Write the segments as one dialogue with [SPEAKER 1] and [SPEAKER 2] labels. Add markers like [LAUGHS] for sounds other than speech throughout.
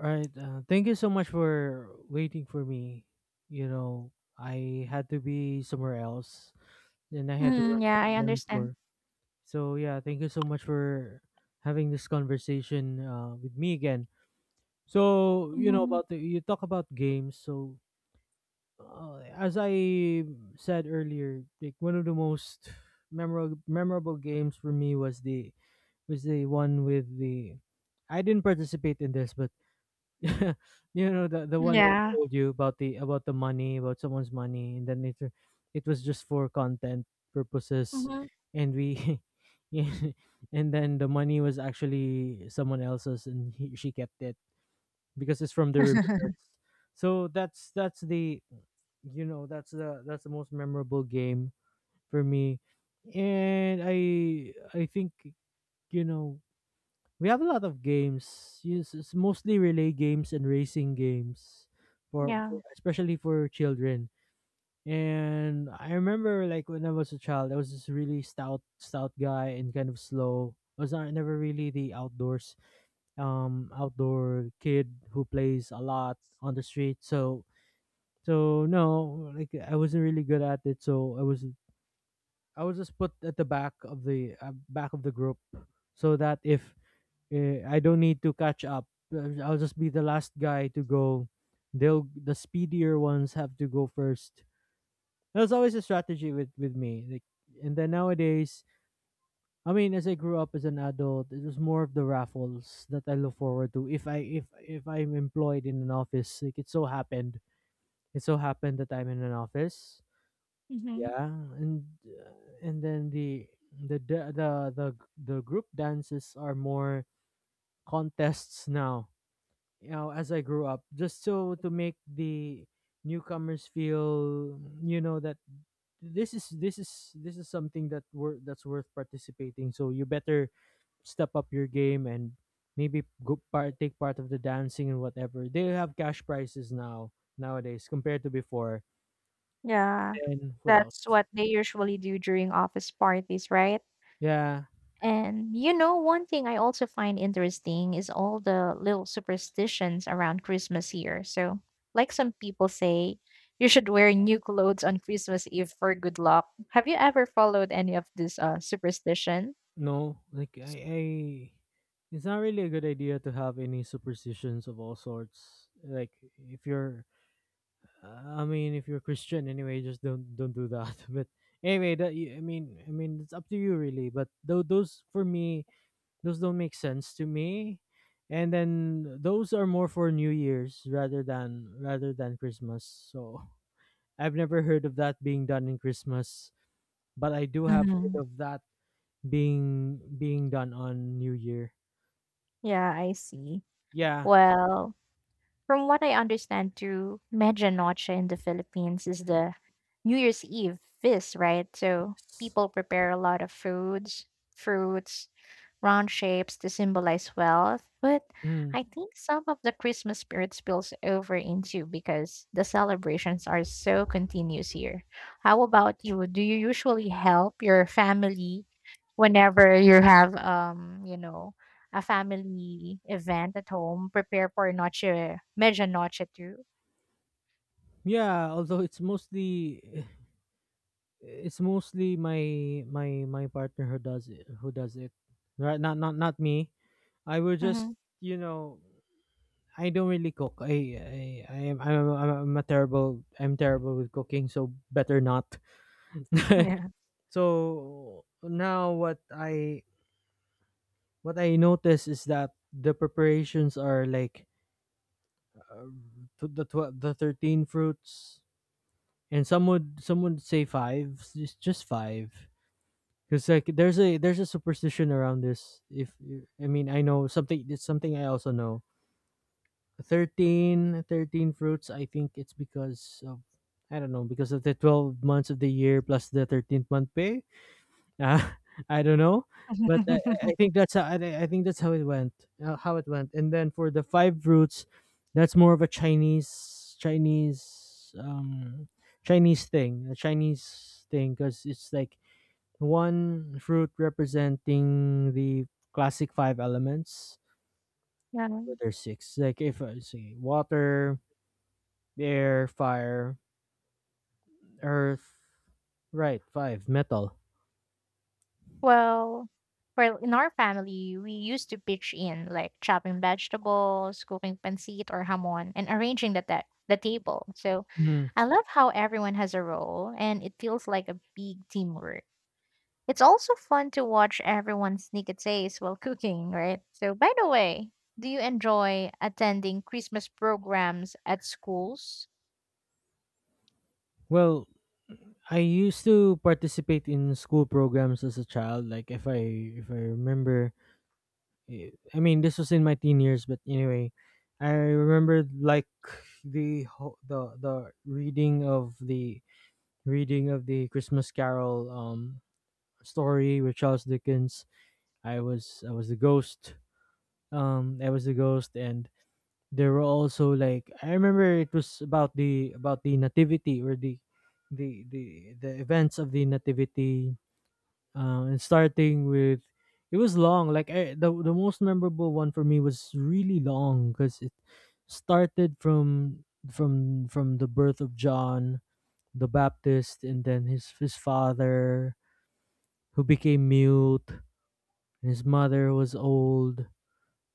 [SPEAKER 1] Right. Thank you so much for waiting for me. You know, I had to be somewhere else, and I had to run
[SPEAKER 2] Mhm, yeah, I
[SPEAKER 1] run
[SPEAKER 2] understand.
[SPEAKER 1] for. So yeah, thank you so much for having this conversation with me again. So you know
[SPEAKER 2] Mhm.
[SPEAKER 1] about the you talk about games. So as I said earlier, like, one of the most memorable games for me was the one with the. I didn't participate in this, but [LAUGHS] you know the one I
[SPEAKER 2] Yeah.
[SPEAKER 1] told you about, the about the money, about someone's money, and then it was just for content purposes,
[SPEAKER 2] Mhm.
[SPEAKER 1] and we [LAUGHS] yeah, and then the money was actually someone else's, and he, she kept it because it's from the remittance. So that's the that's the most memorable game for me. And I think you know we have a lot of games. Yes, it's mostly relay games and racing games
[SPEAKER 2] Yeah.
[SPEAKER 1] for especially for children. And I remember, like, when I was a child, I was this really stout guy and kind of slow. I was not, never really the outdoor kid who plays a lot on the street. So no, like, I wasn't really good at it. So I was just put at the back of the group, so that if I don't need to catch up. I'll just be the last guy to go. The speedier ones have to go first. That was always a strategy with me. Like, and then, nowadays, I mean, as I grew up as an adult, it was more of the raffles that I look forward to. If I'm employed in an office, like, it so happened that I'm in an office.
[SPEAKER 2] Mhm.
[SPEAKER 1] Yeah, and uh, and then the the the the, the group dances are more contests now, as I grew up, just so to make the newcomers feel, you know, that this is something that that's worth participating, so you better step up your game and maybe go part take part of the dancing, and whatever, they have cash prizes nowadays compared to before.
[SPEAKER 2] Yeah.
[SPEAKER 1] Then what
[SPEAKER 2] That's
[SPEAKER 1] else?
[SPEAKER 2] what they usually do during office parties, right?
[SPEAKER 1] Yeah.
[SPEAKER 2] And you know, one thing I also find interesting is all the little superstitions around Christmas here. So, like some people say, you should wear new clothes on Christmas Eve for good luck. Have you ever followed any of this superstition?
[SPEAKER 1] No, like, I it's not really a good idea to have any superstitions of all sorts, like, if you're, I mean, if you're a Christian anyway, just don't do that. [LAUGHS] But anyway, I mean, it's up to you, really. But though, those don't make sense to me. And then those are more for New Year's rather than Christmas. So [LAUGHS] I've never heard of that being done in Christmas, but I do have heard
[SPEAKER 2] Hmm.
[SPEAKER 1] of that being done on New Year.
[SPEAKER 2] Yeah, I see.
[SPEAKER 1] Yeah.
[SPEAKER 2] Well, from what I understand, through Medianoche in the Philippines is the New Year's Eve feast, right? So
[SPEAKER 1] Yes.
[SPEAKER 2] people prepare a lot of foods, fruits, round shapes to symbolize wealth. But
[SPEAKER 1] Mm.
[SPEAKER 2] I think some of the Christmas spirit spills over into because the celebrations are so continuous here. How about you? Do you usually help your family whenever you have you know, a family event at home, prepare for noche, medianoche too.
[SPEAKER 1] Yeah, although it's mostly my partner who does it. Right? Not me. I will
[SPEAKER 2] Mhm.
[SPEAKER 1] just, you know I don't really cook. I I am I'm, I I'm a terrible I'm terrible with cooking, so better not.
[SPEAKER 2] Yeah.
[SPEAKER 1] [LAUGHS] So now what I notice is that the preparations are like, uh, to the 13 fruits, and some would say five, just five. Because, like, there's a superstition around this. If you- I mean, I know something; it's something I also know. Thirteen fruits. I think it's because of, I don't know, because of the 12 months of the year plus the 13th month pay. Ah, [LAUGHS] I don't know, but I
[SPEAKER 2] [LAUGHS]
[SPEAKER 1] think that's how, I think that's how it went. How it went. And then, for the five fruits, that's more of a Chinese thing, because it's like one fruit representing the classic five elements.
[SPEAKER 2] Yeah.
[SPEAKER 1] But there's six. Like, if I say water, air, fire, earth. Right, five, metal.
[SPEAKER 2] Well, well, in our family, we used to pitch in, like chopping vegetables, cooking pancit or hamon, and arranging the table. So
[SPEAKER 1] Mhm.
[SPEAKER 2] I love how everyone has a role and it feels like a big teamwork. It's also fun to watch everyone sneak a taste while cooking, right? So, by the way, do you enjoy attending Christmas programs at schools?
[SPEAKER 1] Well, I used to participate in school programs as a child. Like, if I remember, I mean, this was in my teen years. But anyway, I remember, like, the ho- the reading of the reading of the Christmas Carol. Story with Charles Dickens. I was the ghost. I was the ghost, and there were also, like, I remember, it was about the, nativity, or the the events of the nativity. And starting with, it was long. Like, the most memorable one for me was really long because it started from the birth of John the Baptist, and then his father, who became mute, and his mother was old.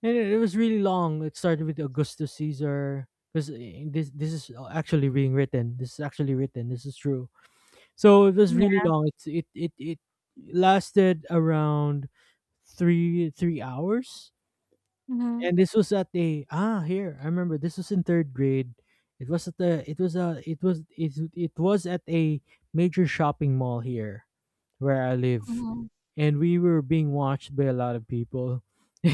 [SPEAKER 1] And it was really long. It started with Augustus Caesar, because this is, actually being written, this is actually written, this is true. So it was
[SPEAKER 2] Yeah.
[SPEAKER 1] really long. It lasted around three hours.
[SPEAKER 2] Hmm.
[SPEAKER 1] And this was at a ah here, I remember, this was in third grade. It was at the it was a it was It was at a major shopping mall here where I live,
[SPEAKER 2] Hmm.
[SPEAKER 1] and we were being watched by a lot of people. [LAUGHS]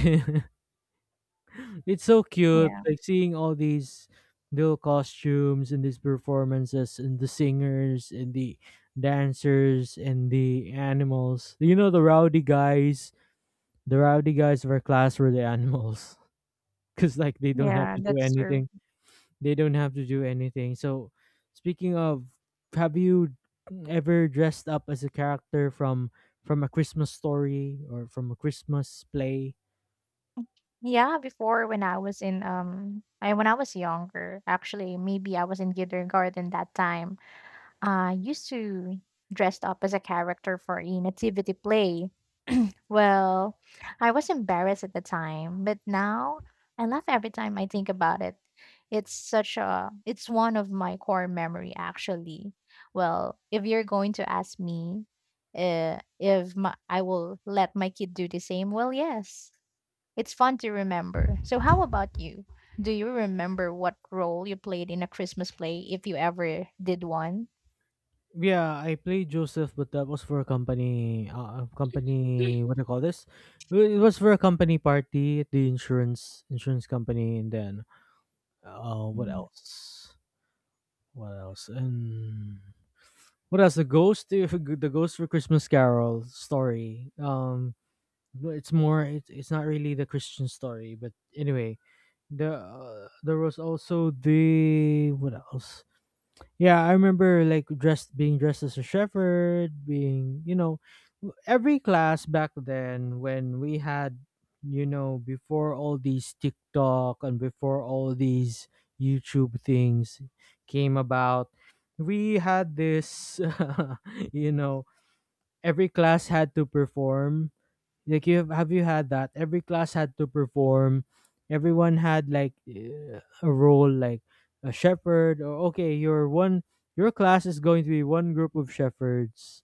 [SPEAKER 1] It's so cute,
[SPEAKER 2] Yeah.
[SPEAKER 1] like seeing all these little costumes and these performances, and the singers and the dancers and the animals. You know, the rowdy guys. The rowdy guys of our class were the animals [LAUGHS] because, like, they don't have
[SPEAKER 2] Yeah,
[SPEAKER 1] to do
[SPEAKER 2] that's true.
[SPEAKER 1] anything. They don't have to do anything. So, speaking of, have you ever dressed up as a character from, a Christmas story, or from a Christmas play?
[SPEAKER 2] Yeah, before when I was in I when I was younger, actually maybe I was in kindergarten that time. I used to dressed up as a character for a nativity play. Well, I was embarrassed at the time, but now I laugh every time I think about it. It's such a it's one of my core memory actually. Well, if you're going to ask me if my, I will let my kid do the same, well, yes. It's fun to remember. So how about you? Do you remember what role you played in a Christmas play if you ever did one?
[SPEAKER 1] Yeah, I played Joseph, but that was for a company, company. What do you call this? Well, it was for a company party at the insurance company, and then, what else? What else? And what else? The ghost, [LAUGHS] the ghost for Christmas Carol story. But it's more. It's not really the Christian story, but anyway, there was also the what else? Yeah, I remember, like, dressed being dressed as a shepherd, being, you know, every class back then, when we had, before all these TikTok and before all these YouTube things came about, we had this [LAUGHS] you know every class had to perform, like, have you had that? Every class had to perform. Everyone had, like, a role, like a shepherd. Or, okay, your class is going to be one group of shepherds.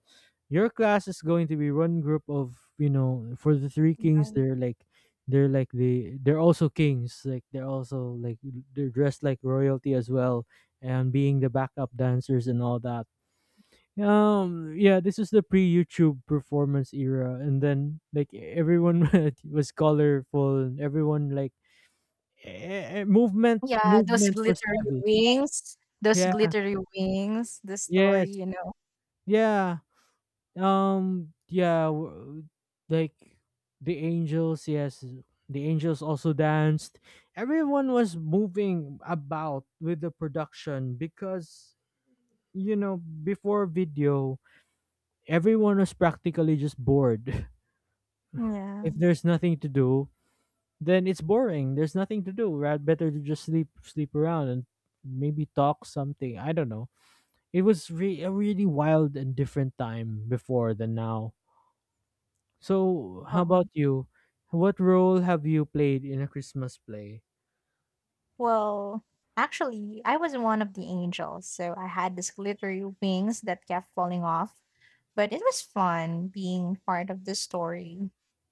[SPEAKER 1] Your class is going to be one group of, for the three kings. They're also kings. Like, they're dressed like royalty as well, and being the backup dancers and all that, yeah. This is the pre-YouTube performance era, and then, like, everyone [LAUGHS] was colorful, and everyone, like, movement
[SPEAKER 2] Yeah,
[SPEAKER 1] movement was heavy.
[SPEAKER 2] those
[SPEAKER 1] Yeah.
[SPEAKER 2] glittery wings, the
[SPEAKER 1] Yes.
[SPEAKER 2] story, you know.
[SPEAKER 1] Yeah. Yeah. Like, the angels. Yes. The angels also danced. Everyone was moving about with the production because, you know before video, everyone was practically just bored. [LAUGHS]
[SPEAKER 2] Yeah.
[SPEAKER 1] If there's nothing to do, then it's boring. There's nothing to do. Rather, better to just sleep around, and maybe talk something. I don't know. It was a really wild and different time before than now. So, how
[SPEAKER 2] Well,
[SPEAKER 1] about you? What role have you played in a Christmas play?
[SPEAKER 2] well, actually, I was one of the angels, so I had these glittery wings that kept falling off, but it was fun being part of the story,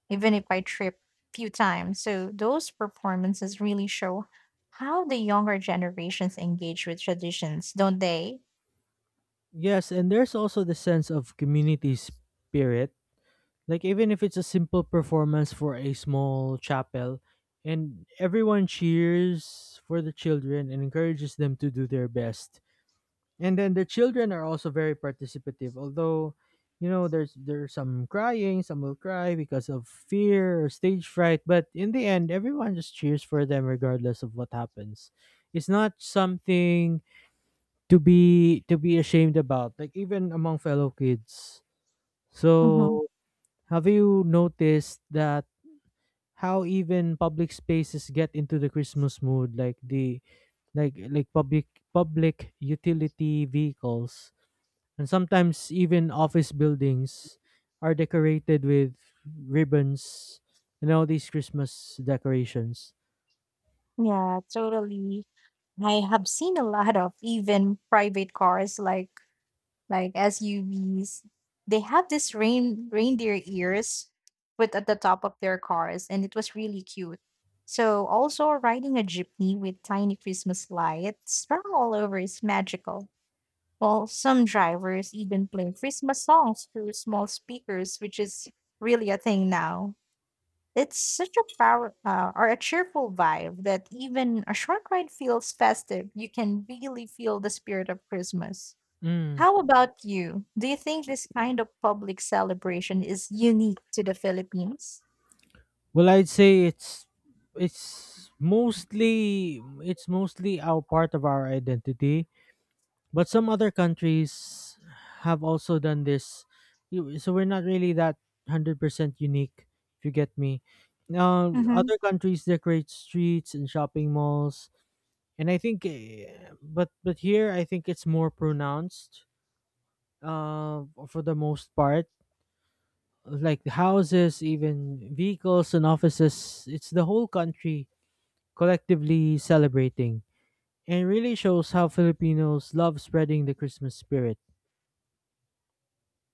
[SPEAKER 2] even if I tripped a few times. So those performances really show how the younger generations engage with traditions, don't they?
[SPEAKER 1] Yes, and there's also the sense of community spirit. Like, even if it's a simple performance for a small chapel, and everyone cheers for the children and encourages them to do their best. And then the children are also very participative, although, there's some crying, some will cry because of fear or stage fright, but in the end, everyone just cheers for them regardless of what happens. It's not something to be ashamed about, like, even among fellow kids.
[SPEAKER 2] Mhm.
[SPEAKER 1] So, have you noticed that how even public spaces get into the Christmas mood, like the like public public utility vehicles, and sometimes even office buildings, are decorated with ribbons, and all these Christmas decorations.
[SPEAKER 2] Yeah, totally. I have seen a lot of even private cars like SUVs. They have this rain reindeer ears put at the top of their cars, and it was really cute. So also riding a jeepney with tiny Christmas lights spread all over is magical. Well, some drivers even play Christmas songs through small speakers, which is really a thing now. It's such a power or a cheerful vibe that even a short ride feels festive. You can really feel the spirit of Christmas.
[SPEAKER 1] Mm.
[SPEAKER 2] How about you? Do you think this kind of public celebration is unique to the Philippines?
[SPEAKER 1] Well, I'd say it's mostly it's mostly our part of our identity, but some other countries have also done this. So we're not really that 100% unique, if you get me. Now,
[SPEAKER 2] Mm-hmm.
[SPEAKER 1] other countries decorate streets and shopping malls, and I think, but here I think it's more pronounced. For the most part, like the houses, even vehicles and offices, it's the whole country collectively celebrating, and it really shows how Filipinos love spreading the Christmas spirit.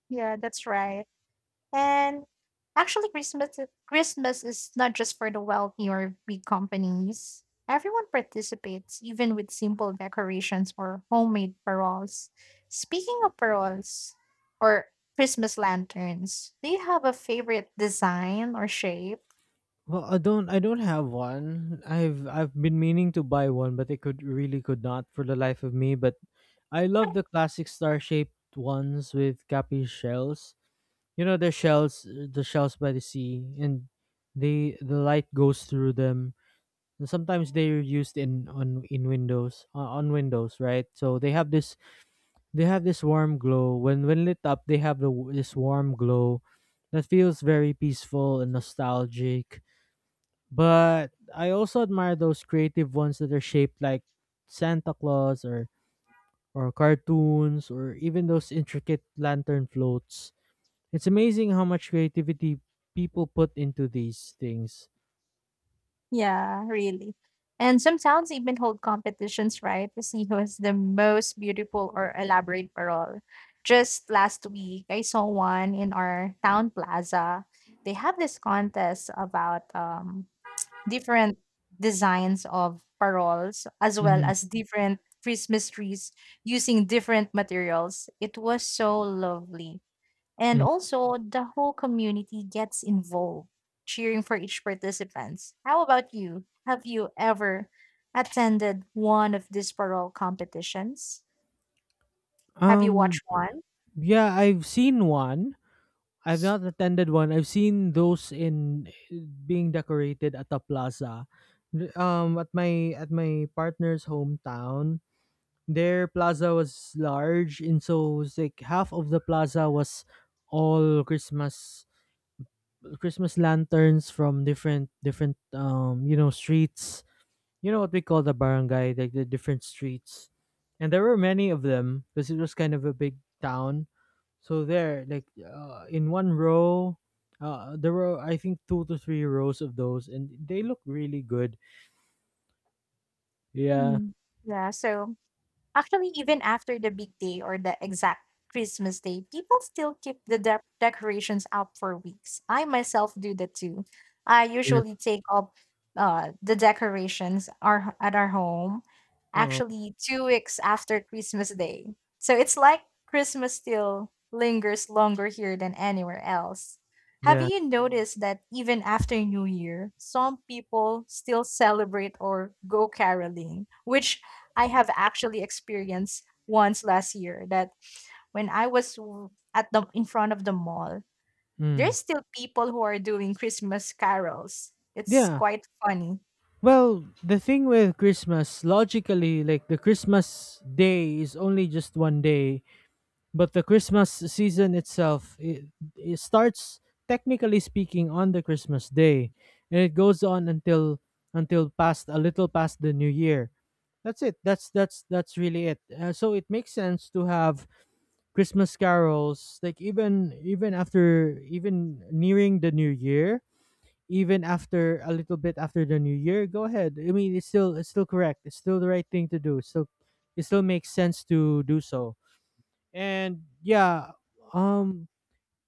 [SPEAKER 2] Yeah, that's right. And actually, Christmas is not just for the wealthy or big companies. Everyone participates, even with simple decorations or homemade paroles. Speaking of paroles or Christmas lanterns, do you have a favorite design or shape?
[SPEAKER 1] Well, I don't have one. I've been meaning to buy one, but I could not for the life of me. But I love the classic star shaped ones with cappy shells. You know the shells by the sea, and the light goes through them. And sometimes they are used in on in windows, on windows, right? So they have this warm glow when lit up. They have this warm glow that feels very peaceful and nostalgic. But I also admire those creative ones that are shaped like Santa Claus or cartoons or even those intricate lantern floats. It's amazing how much creativity people put into these things.
[SPEAKER 2] Yeah, really. And some towns even hold competitions, right, to see who is the most beautiful or elaborate parole. Just last week, I saw one in our town plaza. They have this contest about different designs of paroles as well
[SPEAKER 1] Mhm.
[SPEAKER 2] as different Christmas trees using different materials. It was so lovely. And
[SPEAKER 1] Mm.
[SPEAKER 2] also, the whole community gets involved, cheering for each participants. How about you? Have you ever attended one of these parole competitions? Have you
[SPEAKER 1] Um,
[SPEAKER 2] watched one?
[SPEAKER 1] yeah, I've seen one. I've not attended one. I've seen those in being decorated at a plaza. At my partner's hometown, their plaza was large, and so it's like half of the plaza was all Christmas lanterns from different you know streets. You know what we call the barangay, like the different streets. And there were many of them because it was kind of a big town. So there, like in one row, there were I think two to three rows of those, and they look really good. Yeah.
[SPEAKER 2] Mm. Yeah, so actually, even after the big day or the exact Christmas day, people still keep the decorations up for weeks. I myself do that too. I
[SPEAKER 1] Yes.
[SPEAKER 2] usually take up the decorations at our home
[SPEAKER 1] Oh,
[SPEAKER 2] actually 2 weeks after Christmas day. So it's like Christmas still lingers longer here than anywhere else. Have
[SPEAKER 1] yeah.
[SPEAKER 2] you noticed that even after New Year, some people still celebrate or go caroling, which I have actually experienced once last year that when I was at the in front of the mall,
[SPEAKER 1] Mm.
[SPEAKER 2] there's still people who are doing Christmas carols. It's
[SPEAKER 1] Yeah.
[SPEAKER 2] quite funny.
[SPEAKER 1] Well, the thing with Christmas, logically, like the Christmas day is only just one day, but the Christmas season itself, it starts technically speaking on the Christmas day, and it goes on until past a little past the New Year. That's it. That's really it. So it makes sense to have Christmas carols, like even nearing the New Year, even after a little bit after the New Year. Go ahead. I mean, it's still correct. It's still the right thing to do. So it still makes sense to do so. And yeah. um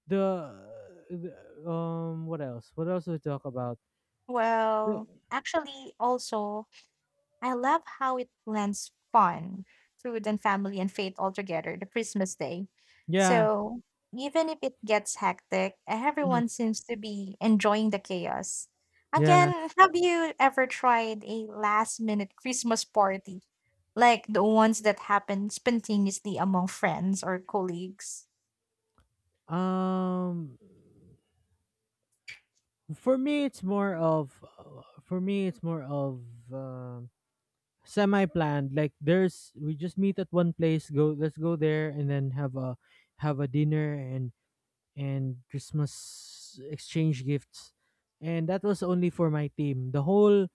[SPEAKER 1] the, the what else do we talk about?
[SPEAKER 2] Well,
[SPEAKER 1] The-
[SPEAKER 2] actually also I love how it blends fun, food, and family and faith all together the Christmas day.
[SPEAKER 1] yeah.
[SPEAKER 2] So even if it gets hectic,
[SPEAKER 1] Mhm,
[SPEAKER 2] everyone seems to be enjoying the chaos.
[SPEAKER 1] yeah.
[SPEAKER 2] Again, have you ever tried a last minute Christmas party? Like the ones that happen spontaneously among friends or colleagues?
[SPEAKER 1] um for me it's more of, um semi planned. Like there's we just meet at one place, go, let's go there, and then have a dinner and Christmas exchange gifts. And that was only for my team. The whole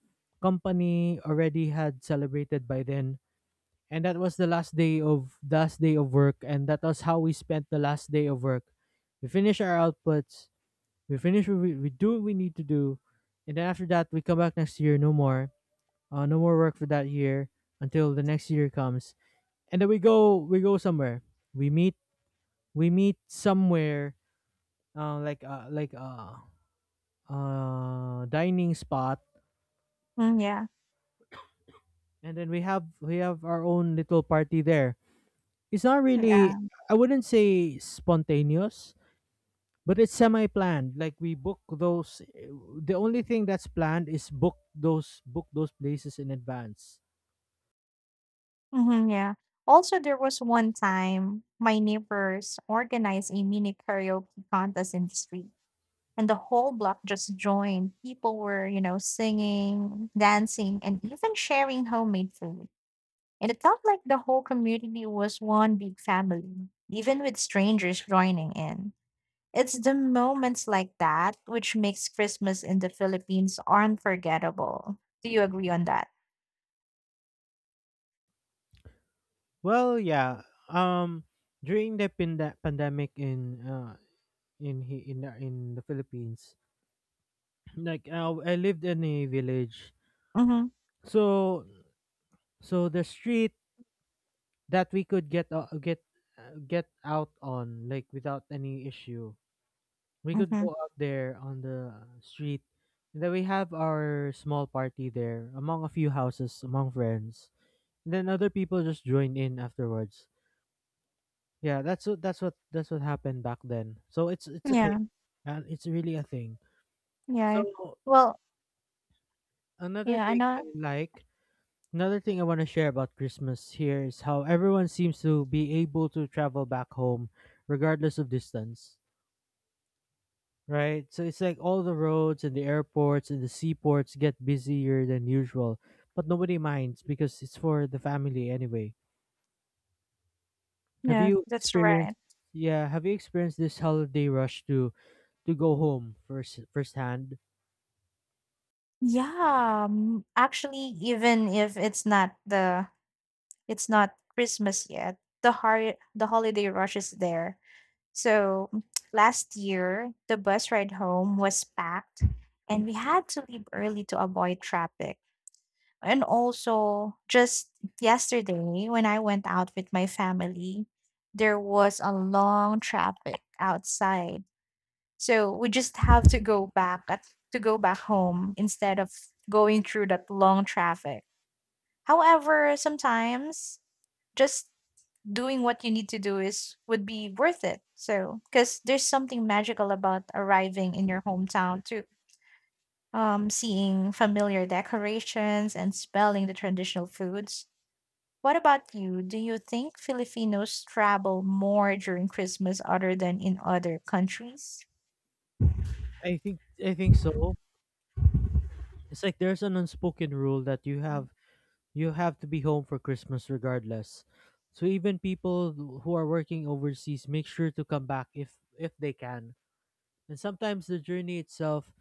[SPEAKER 1] company already had celebrated by then. And that was the last day of work and that was how we spent the last day of work. We finish our outputs, we finish what we do what we need to do, and then after that we come back next year, no more. No more work for that year until the next year comes. And then we go somewhere. We meet we meet somewhere, uh, like uh, like uh, dining spot,
[SPEAKER 2] Mm, yeah,
[SPEAKER 1] and then we have our own little party there. It's not really,
[SPEAKER 2] yeah,
[SPEAKER 1] I wouldn't say spontaneous, but it's semi planned. Like we book those, the only thing that's planned is book those places in advance.
[SPEAKER 2] hmm, yeah. Also, there was one time my neighbors organized a mini karaoke contest in the street and the whole block just joined. People were, you know, singing, dancing, and even sharing homemade food. And it felt like the whole community was one big family, even with strangers joining in. It's the moments like that which makes Christmas in the Philippines unforgettable. Do you agree on that?
[SPEAKER 1] Well yeah. um During the pandemic in, in the Philippines, [CLEARS THROAT] like I lived in a village.
[SPEAKER 2] Mm-hmm.
[SPEAKER 1] So the street that we could get out on, like without any issue. We could
[SPEAKER 2] Mm-hmm.
[SPEAKER 1] go out there on the street, and then we have our small party there among a few houses, among friends. And then other people just join in afterwards. Yeah, that's what that's what happened back then. So it's a thing,
[SPEAKER 2] Yeah.
[SPEAKER 1] and it's really a thing.
[SPEAKER 2] Yeah.
[SPEAKER 1] So
[SPEAKER 2] Well,
[SPEAKER 1] another
[SPEAKER 2] yeah, I
[SPEAKER 1] thing I
[SPEAKER 2] know.
[SPEAKER 1] like, another thing I want to share about Christmas here is how everyone seems to be able to travel back home regardless of distance. Right. So it's like all the roads and the airports and the seaports get busier than usual, but nobody minds because it's for the family anyway. Have
[SPEAKER 2] Yeah,
[SPEAKER 1] you
[SPEAKER 2] that's right.
[SPEAKER 1] experienced Yeah, have you experienced this holiday rush to go home firsthand?
[SPEAKER 2] Yeah, actually, even if it's not the. It's not Christmas yet. The the holiday rush is there. So [TSK] last year, the bus ride home was packed and we had to leave early to avoid traffic. And also, just yesterday when I went out with my family, there was a long traffic outside. So we just have to go back home instead of going through that long traffic. However, sometimes just doing what you need to do is would be worth it. So, because there's something magical about arriving in your hometown too. Seeing familiar decorations and smelling the traditional foods. What about you? Do you think Filipinos travel more during Christmas other than in other countries?
[SPEAKER 1] I think I think so. It's like there's an unspoken rule that you have to be home for Christmas regardless. So even people who are working overseas make sure to come back if they can. And sometimes the journey itself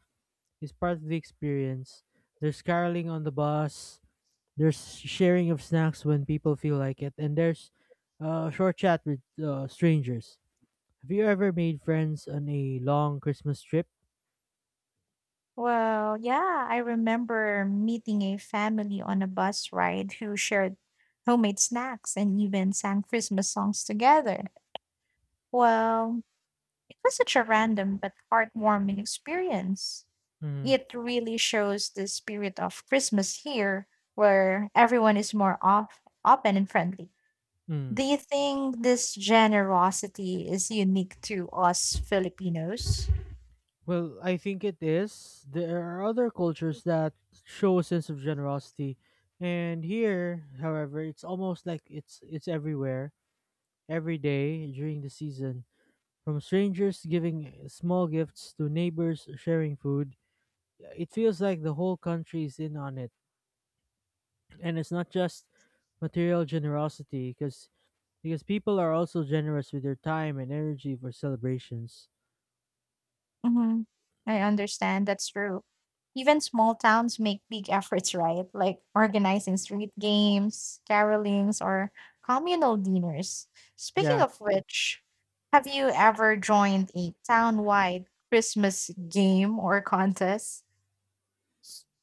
[SPEAKER 1] is part of the experience. There's caroling on the bus, there's sharing of snacks when people feel like it, and there's a short chat with strangers. Have you ever made friends on a long Christmas trip?
[SPEAKER 2] Well, yeah, I remember meeting a family on a bus ride who shared homemade snacks and even sang Christmas songs together. Well, it was such a random but heartwarming experience.
[SPEAKER 1] Mm.
[SPEAKER 2] It really shows the spirit of Christmas here, where everyone is more off, open and friendly.
[SPEAKER 1] Mm.
[SPEAKER 2] Do you think this generosity is unique to us Filipinos?
[SPEAKER 1] Well, I think it is. There are other cultures that show a sense of generosity, and here, however, it's almost like it's everywhere, every day during the season. From strangers giving small gifts to neighbors sharing food, it feels like the whole country is in on it, and it's not just material generosity, because people are also generous with their time and energy for celebrations.
[SPEAKER 2] Mhm. I understand. That's true. Even small towns make big efforts, right? Like organizing street games, carolings, or communal dinners. Speaking
[SPEAKER 1] Yeah.
[SPEAKER 2] of which, have you ever joined a town-wide Christmas game or contest?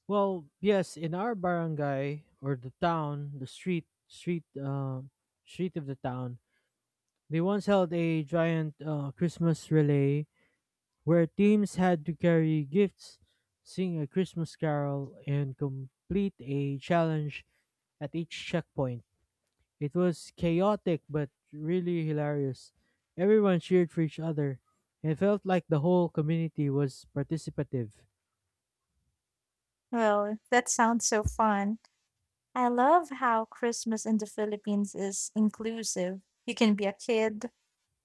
[SPEAKER 1] Well yes, in our barangay, or the town, the street, street of the town, they once held a giant Christmas relay where teams had to carry gifts, sing a Christmas carol, and complete a challenge at each checkpoint. It was chaotic but really hilarious. Everyone cheered for each other and felt like the whole community was participative.
[SPEAKER 2] Well, that sounds so fun. I love how Christmas in the Philippines is inclusive. You can be a kid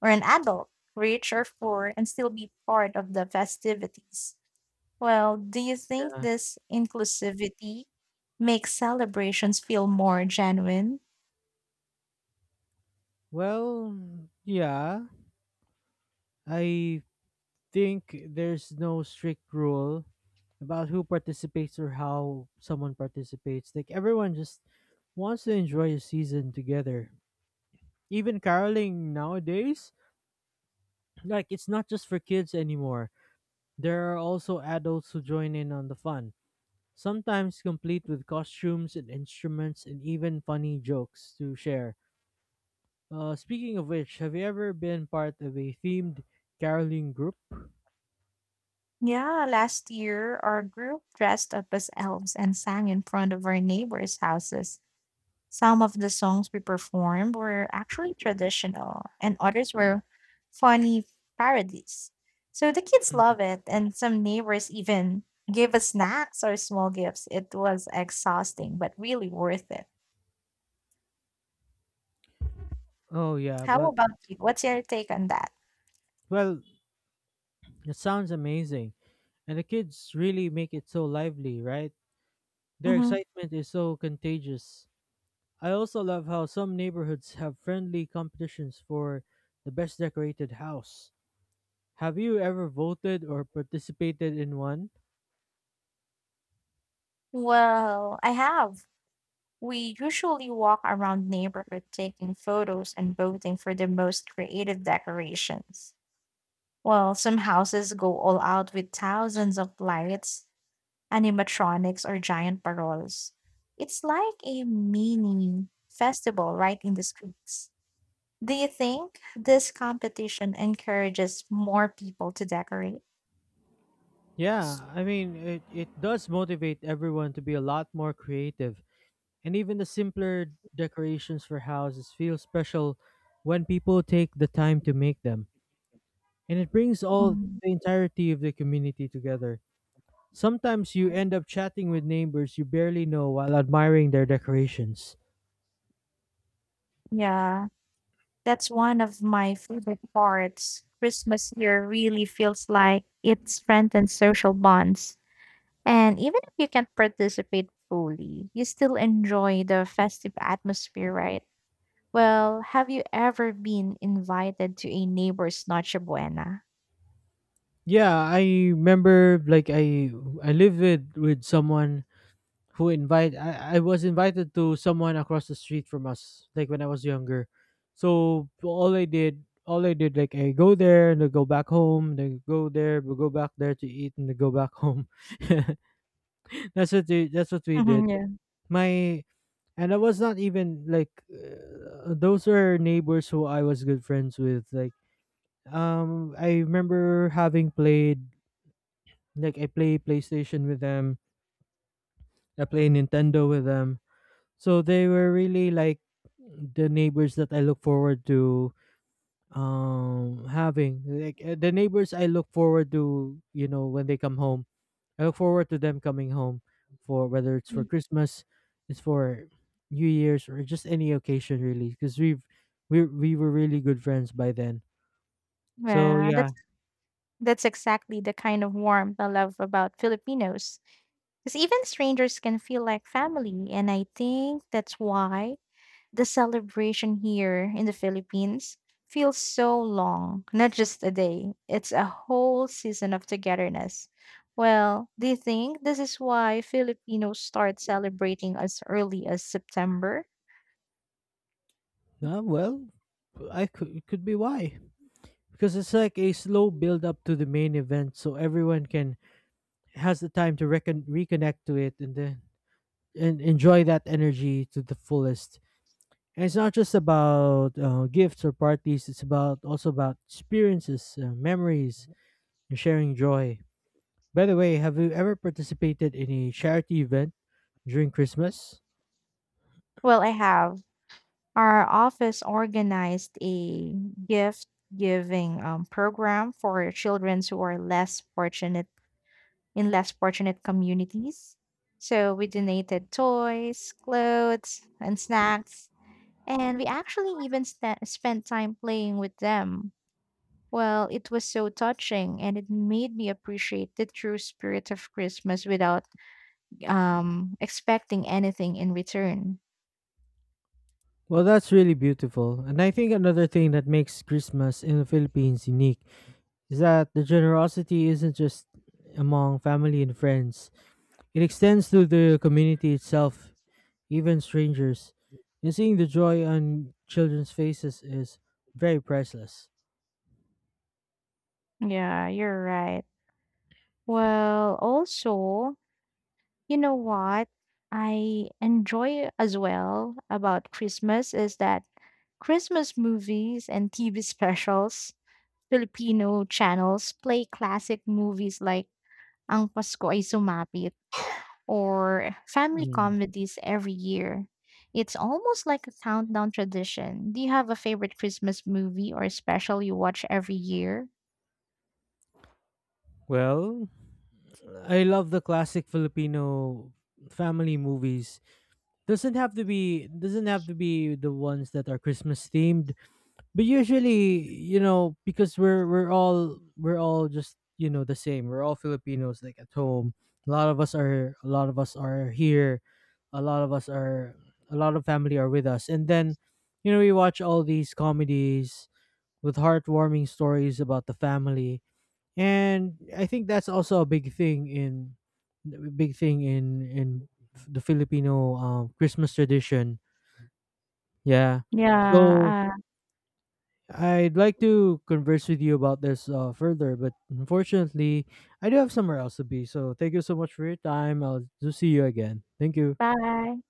[SPEAKER 2] or an adult, rich or poor, and still be part of the festivities. Well, do you think this inclusivity makes celebrations feel more genuine?
[SPEAKER 1] Well, yeah, I think there's no strict rule about who participates or how someone participates. Like everyone just wants to enjoy a season together. Even caroling nowadays, like it's not just for kids anymore. There are also adults who join in on the fun, sometimes complete with costumes and instruments and even funny jokes to share. Speaking of which, have you ever been part of a themed caroling group?
[SPEAKER 2] Yeah, last year our group dressed up as elves and sang in front of our neighbors' houses. Some of the songs we performed were actually traditional, and others were funny parodies. So the kids
[SPEAKER 1] Mm.
[SPEAKER 2] love it, and some neighbors even gave us snacks or small gifts. It was exhausting, but really worth it.
[SPEAKER 1] Oh yeah,
[SPEAKER 2] How
[SPEAKER 1] but
[SPEAKER 2] about you? What's your take on that?
[SPEAKER 1] well, it sounds amazing, and the kids really make it so lively, right? Their
[SPEAKER 2] Mm-hmm.
[SPEAKER 1] excitement is so contagious. I also love how some neighborhoods have friendly competitions for the best decorated house. Have you ever voted or participated in one?
[SPEAKER 2] Well, I have. We usually walk around neighborhood taking photos and voting for the most creative decorations. Well, some houses go all out with thousands of lights, animatronics, or giant paroles. It's like a mini festival right in the streets. Do you think this competition encourages more people to decorate?
[SPEAKER 1] Yeah, I mean, it does motivate everyone to be a lot more creative. And even the simpler decorations for houses feel special when people take the time to make them. And it brings all
[SPEAKER 2] Mm.
[SPEAKER 1] the entirety of the community together. Sometimes you end up chatting with neighbors you barely know while admiring their decorations.
[SPEAKER 2] Yeah, that's one of my favorite parts. Christmas here really feels like it strengthens social bonds. And even if you can't participate fully, you still enjoy the festive atmosphere, right? Well, have you ever been invited to a neighbor's Noche Buena?
[SPEAKER 1] Yeah, I remember, like I lived with someone who invite I was invited to someone across the street from us, like when I was younger. So all I did, like I go there and then go back home, then go there, we go back there to eat, and then go back home. [LAUGHS] That's what that's what we did.
[SPEAKER 2] Mhm, yeah.
[SPEAKER 1] My And I was not even like, those are neighbors who I was good friends with, like, I remember having played, like I play PlayStation with them, I play Nintendo with them. So they were really like the neighbors that I look forward to, having, like, the neighbors I look forward to, you know, when they come home. I look forward to them coming home, for whether it's for Christmas, it's for New Year's, or just any occasion, really, because we've we were really good friends by then. So
[SPEAKER 2] Yeah,
[SPEAKER 1] yeah.
[SPEAKER 2] that's exactly the kind of warmth I love about Filipinos. Because even strangers can feel like family. And I think that's why the celebration here in the Philippines feels so long, not just a day, it's a whole season of togetherness. Well, do you think this is why Filipinos start celebrating as early as September?
[SPEAKER 1] Well, I could it could be why, because it's like a slow build up to the main event, so everyone can has the time to reconnect to it and then and enjoy that energy to the fullest. And it's not just about gifts or parties. It's about, also about, experiences, memories, and sharing joy. By the way, have you ever participated in a charity event during Christmas?
[SPEAKER 2] Well, I have. Our office organized a gift giving program for children who are less fortunate in less fortunate communities. So we donated toys, clothes, and snacks, and we actually even spent time playing with them. Well, it was so touching and it made me appreciate the true spirit of Christmas without expecting anything in return.
[SPEAKER 1] Well, that's really beautiful. And I think another thing that makes Christmas in the Philippines unique is that the generosity isn't just among family and friends. It extends to the community itself, even strangers, and seeing the joy on children's faces is very priceless.
[SPEAKER 2] Yeah, you're right. Well, also, you know what I enjoy as well about Christmas is that Christmas movies and TV [LAUGHS] specials, Filipino channels play classic movies like Ang Pasko Ay Sumapit or family
[SPEAKER 1] Mm.
[SPEAKER 2] comedies every year. It's almost like a countdown tradition. Do you have a favorite Christmas movie or special you watch every year?
[SPEAKER 1] Well, I love the classic Filipino family movies. Doesn't have to be, the ones that are Christmas themed. But usually, you know, because we're all, just, you know, the same. We're all Filipinos, like at home. A lot of us are, here. A lot of us are a lot of family are with us, and then you know we watch all these comedies with heartwarming stories about the family, and I think that's also a big thing in in the Filipino, Christmas tradition. Yeah.
[SPEAKER 2] Yeah.
[SPEAKER 1] So I'd like to converse with you about this, further, but unfortunately, I do have somewhere else to be. So thank you so much for your time. I'll do see you again. Thank you.
[SPEAKER 2] Bye.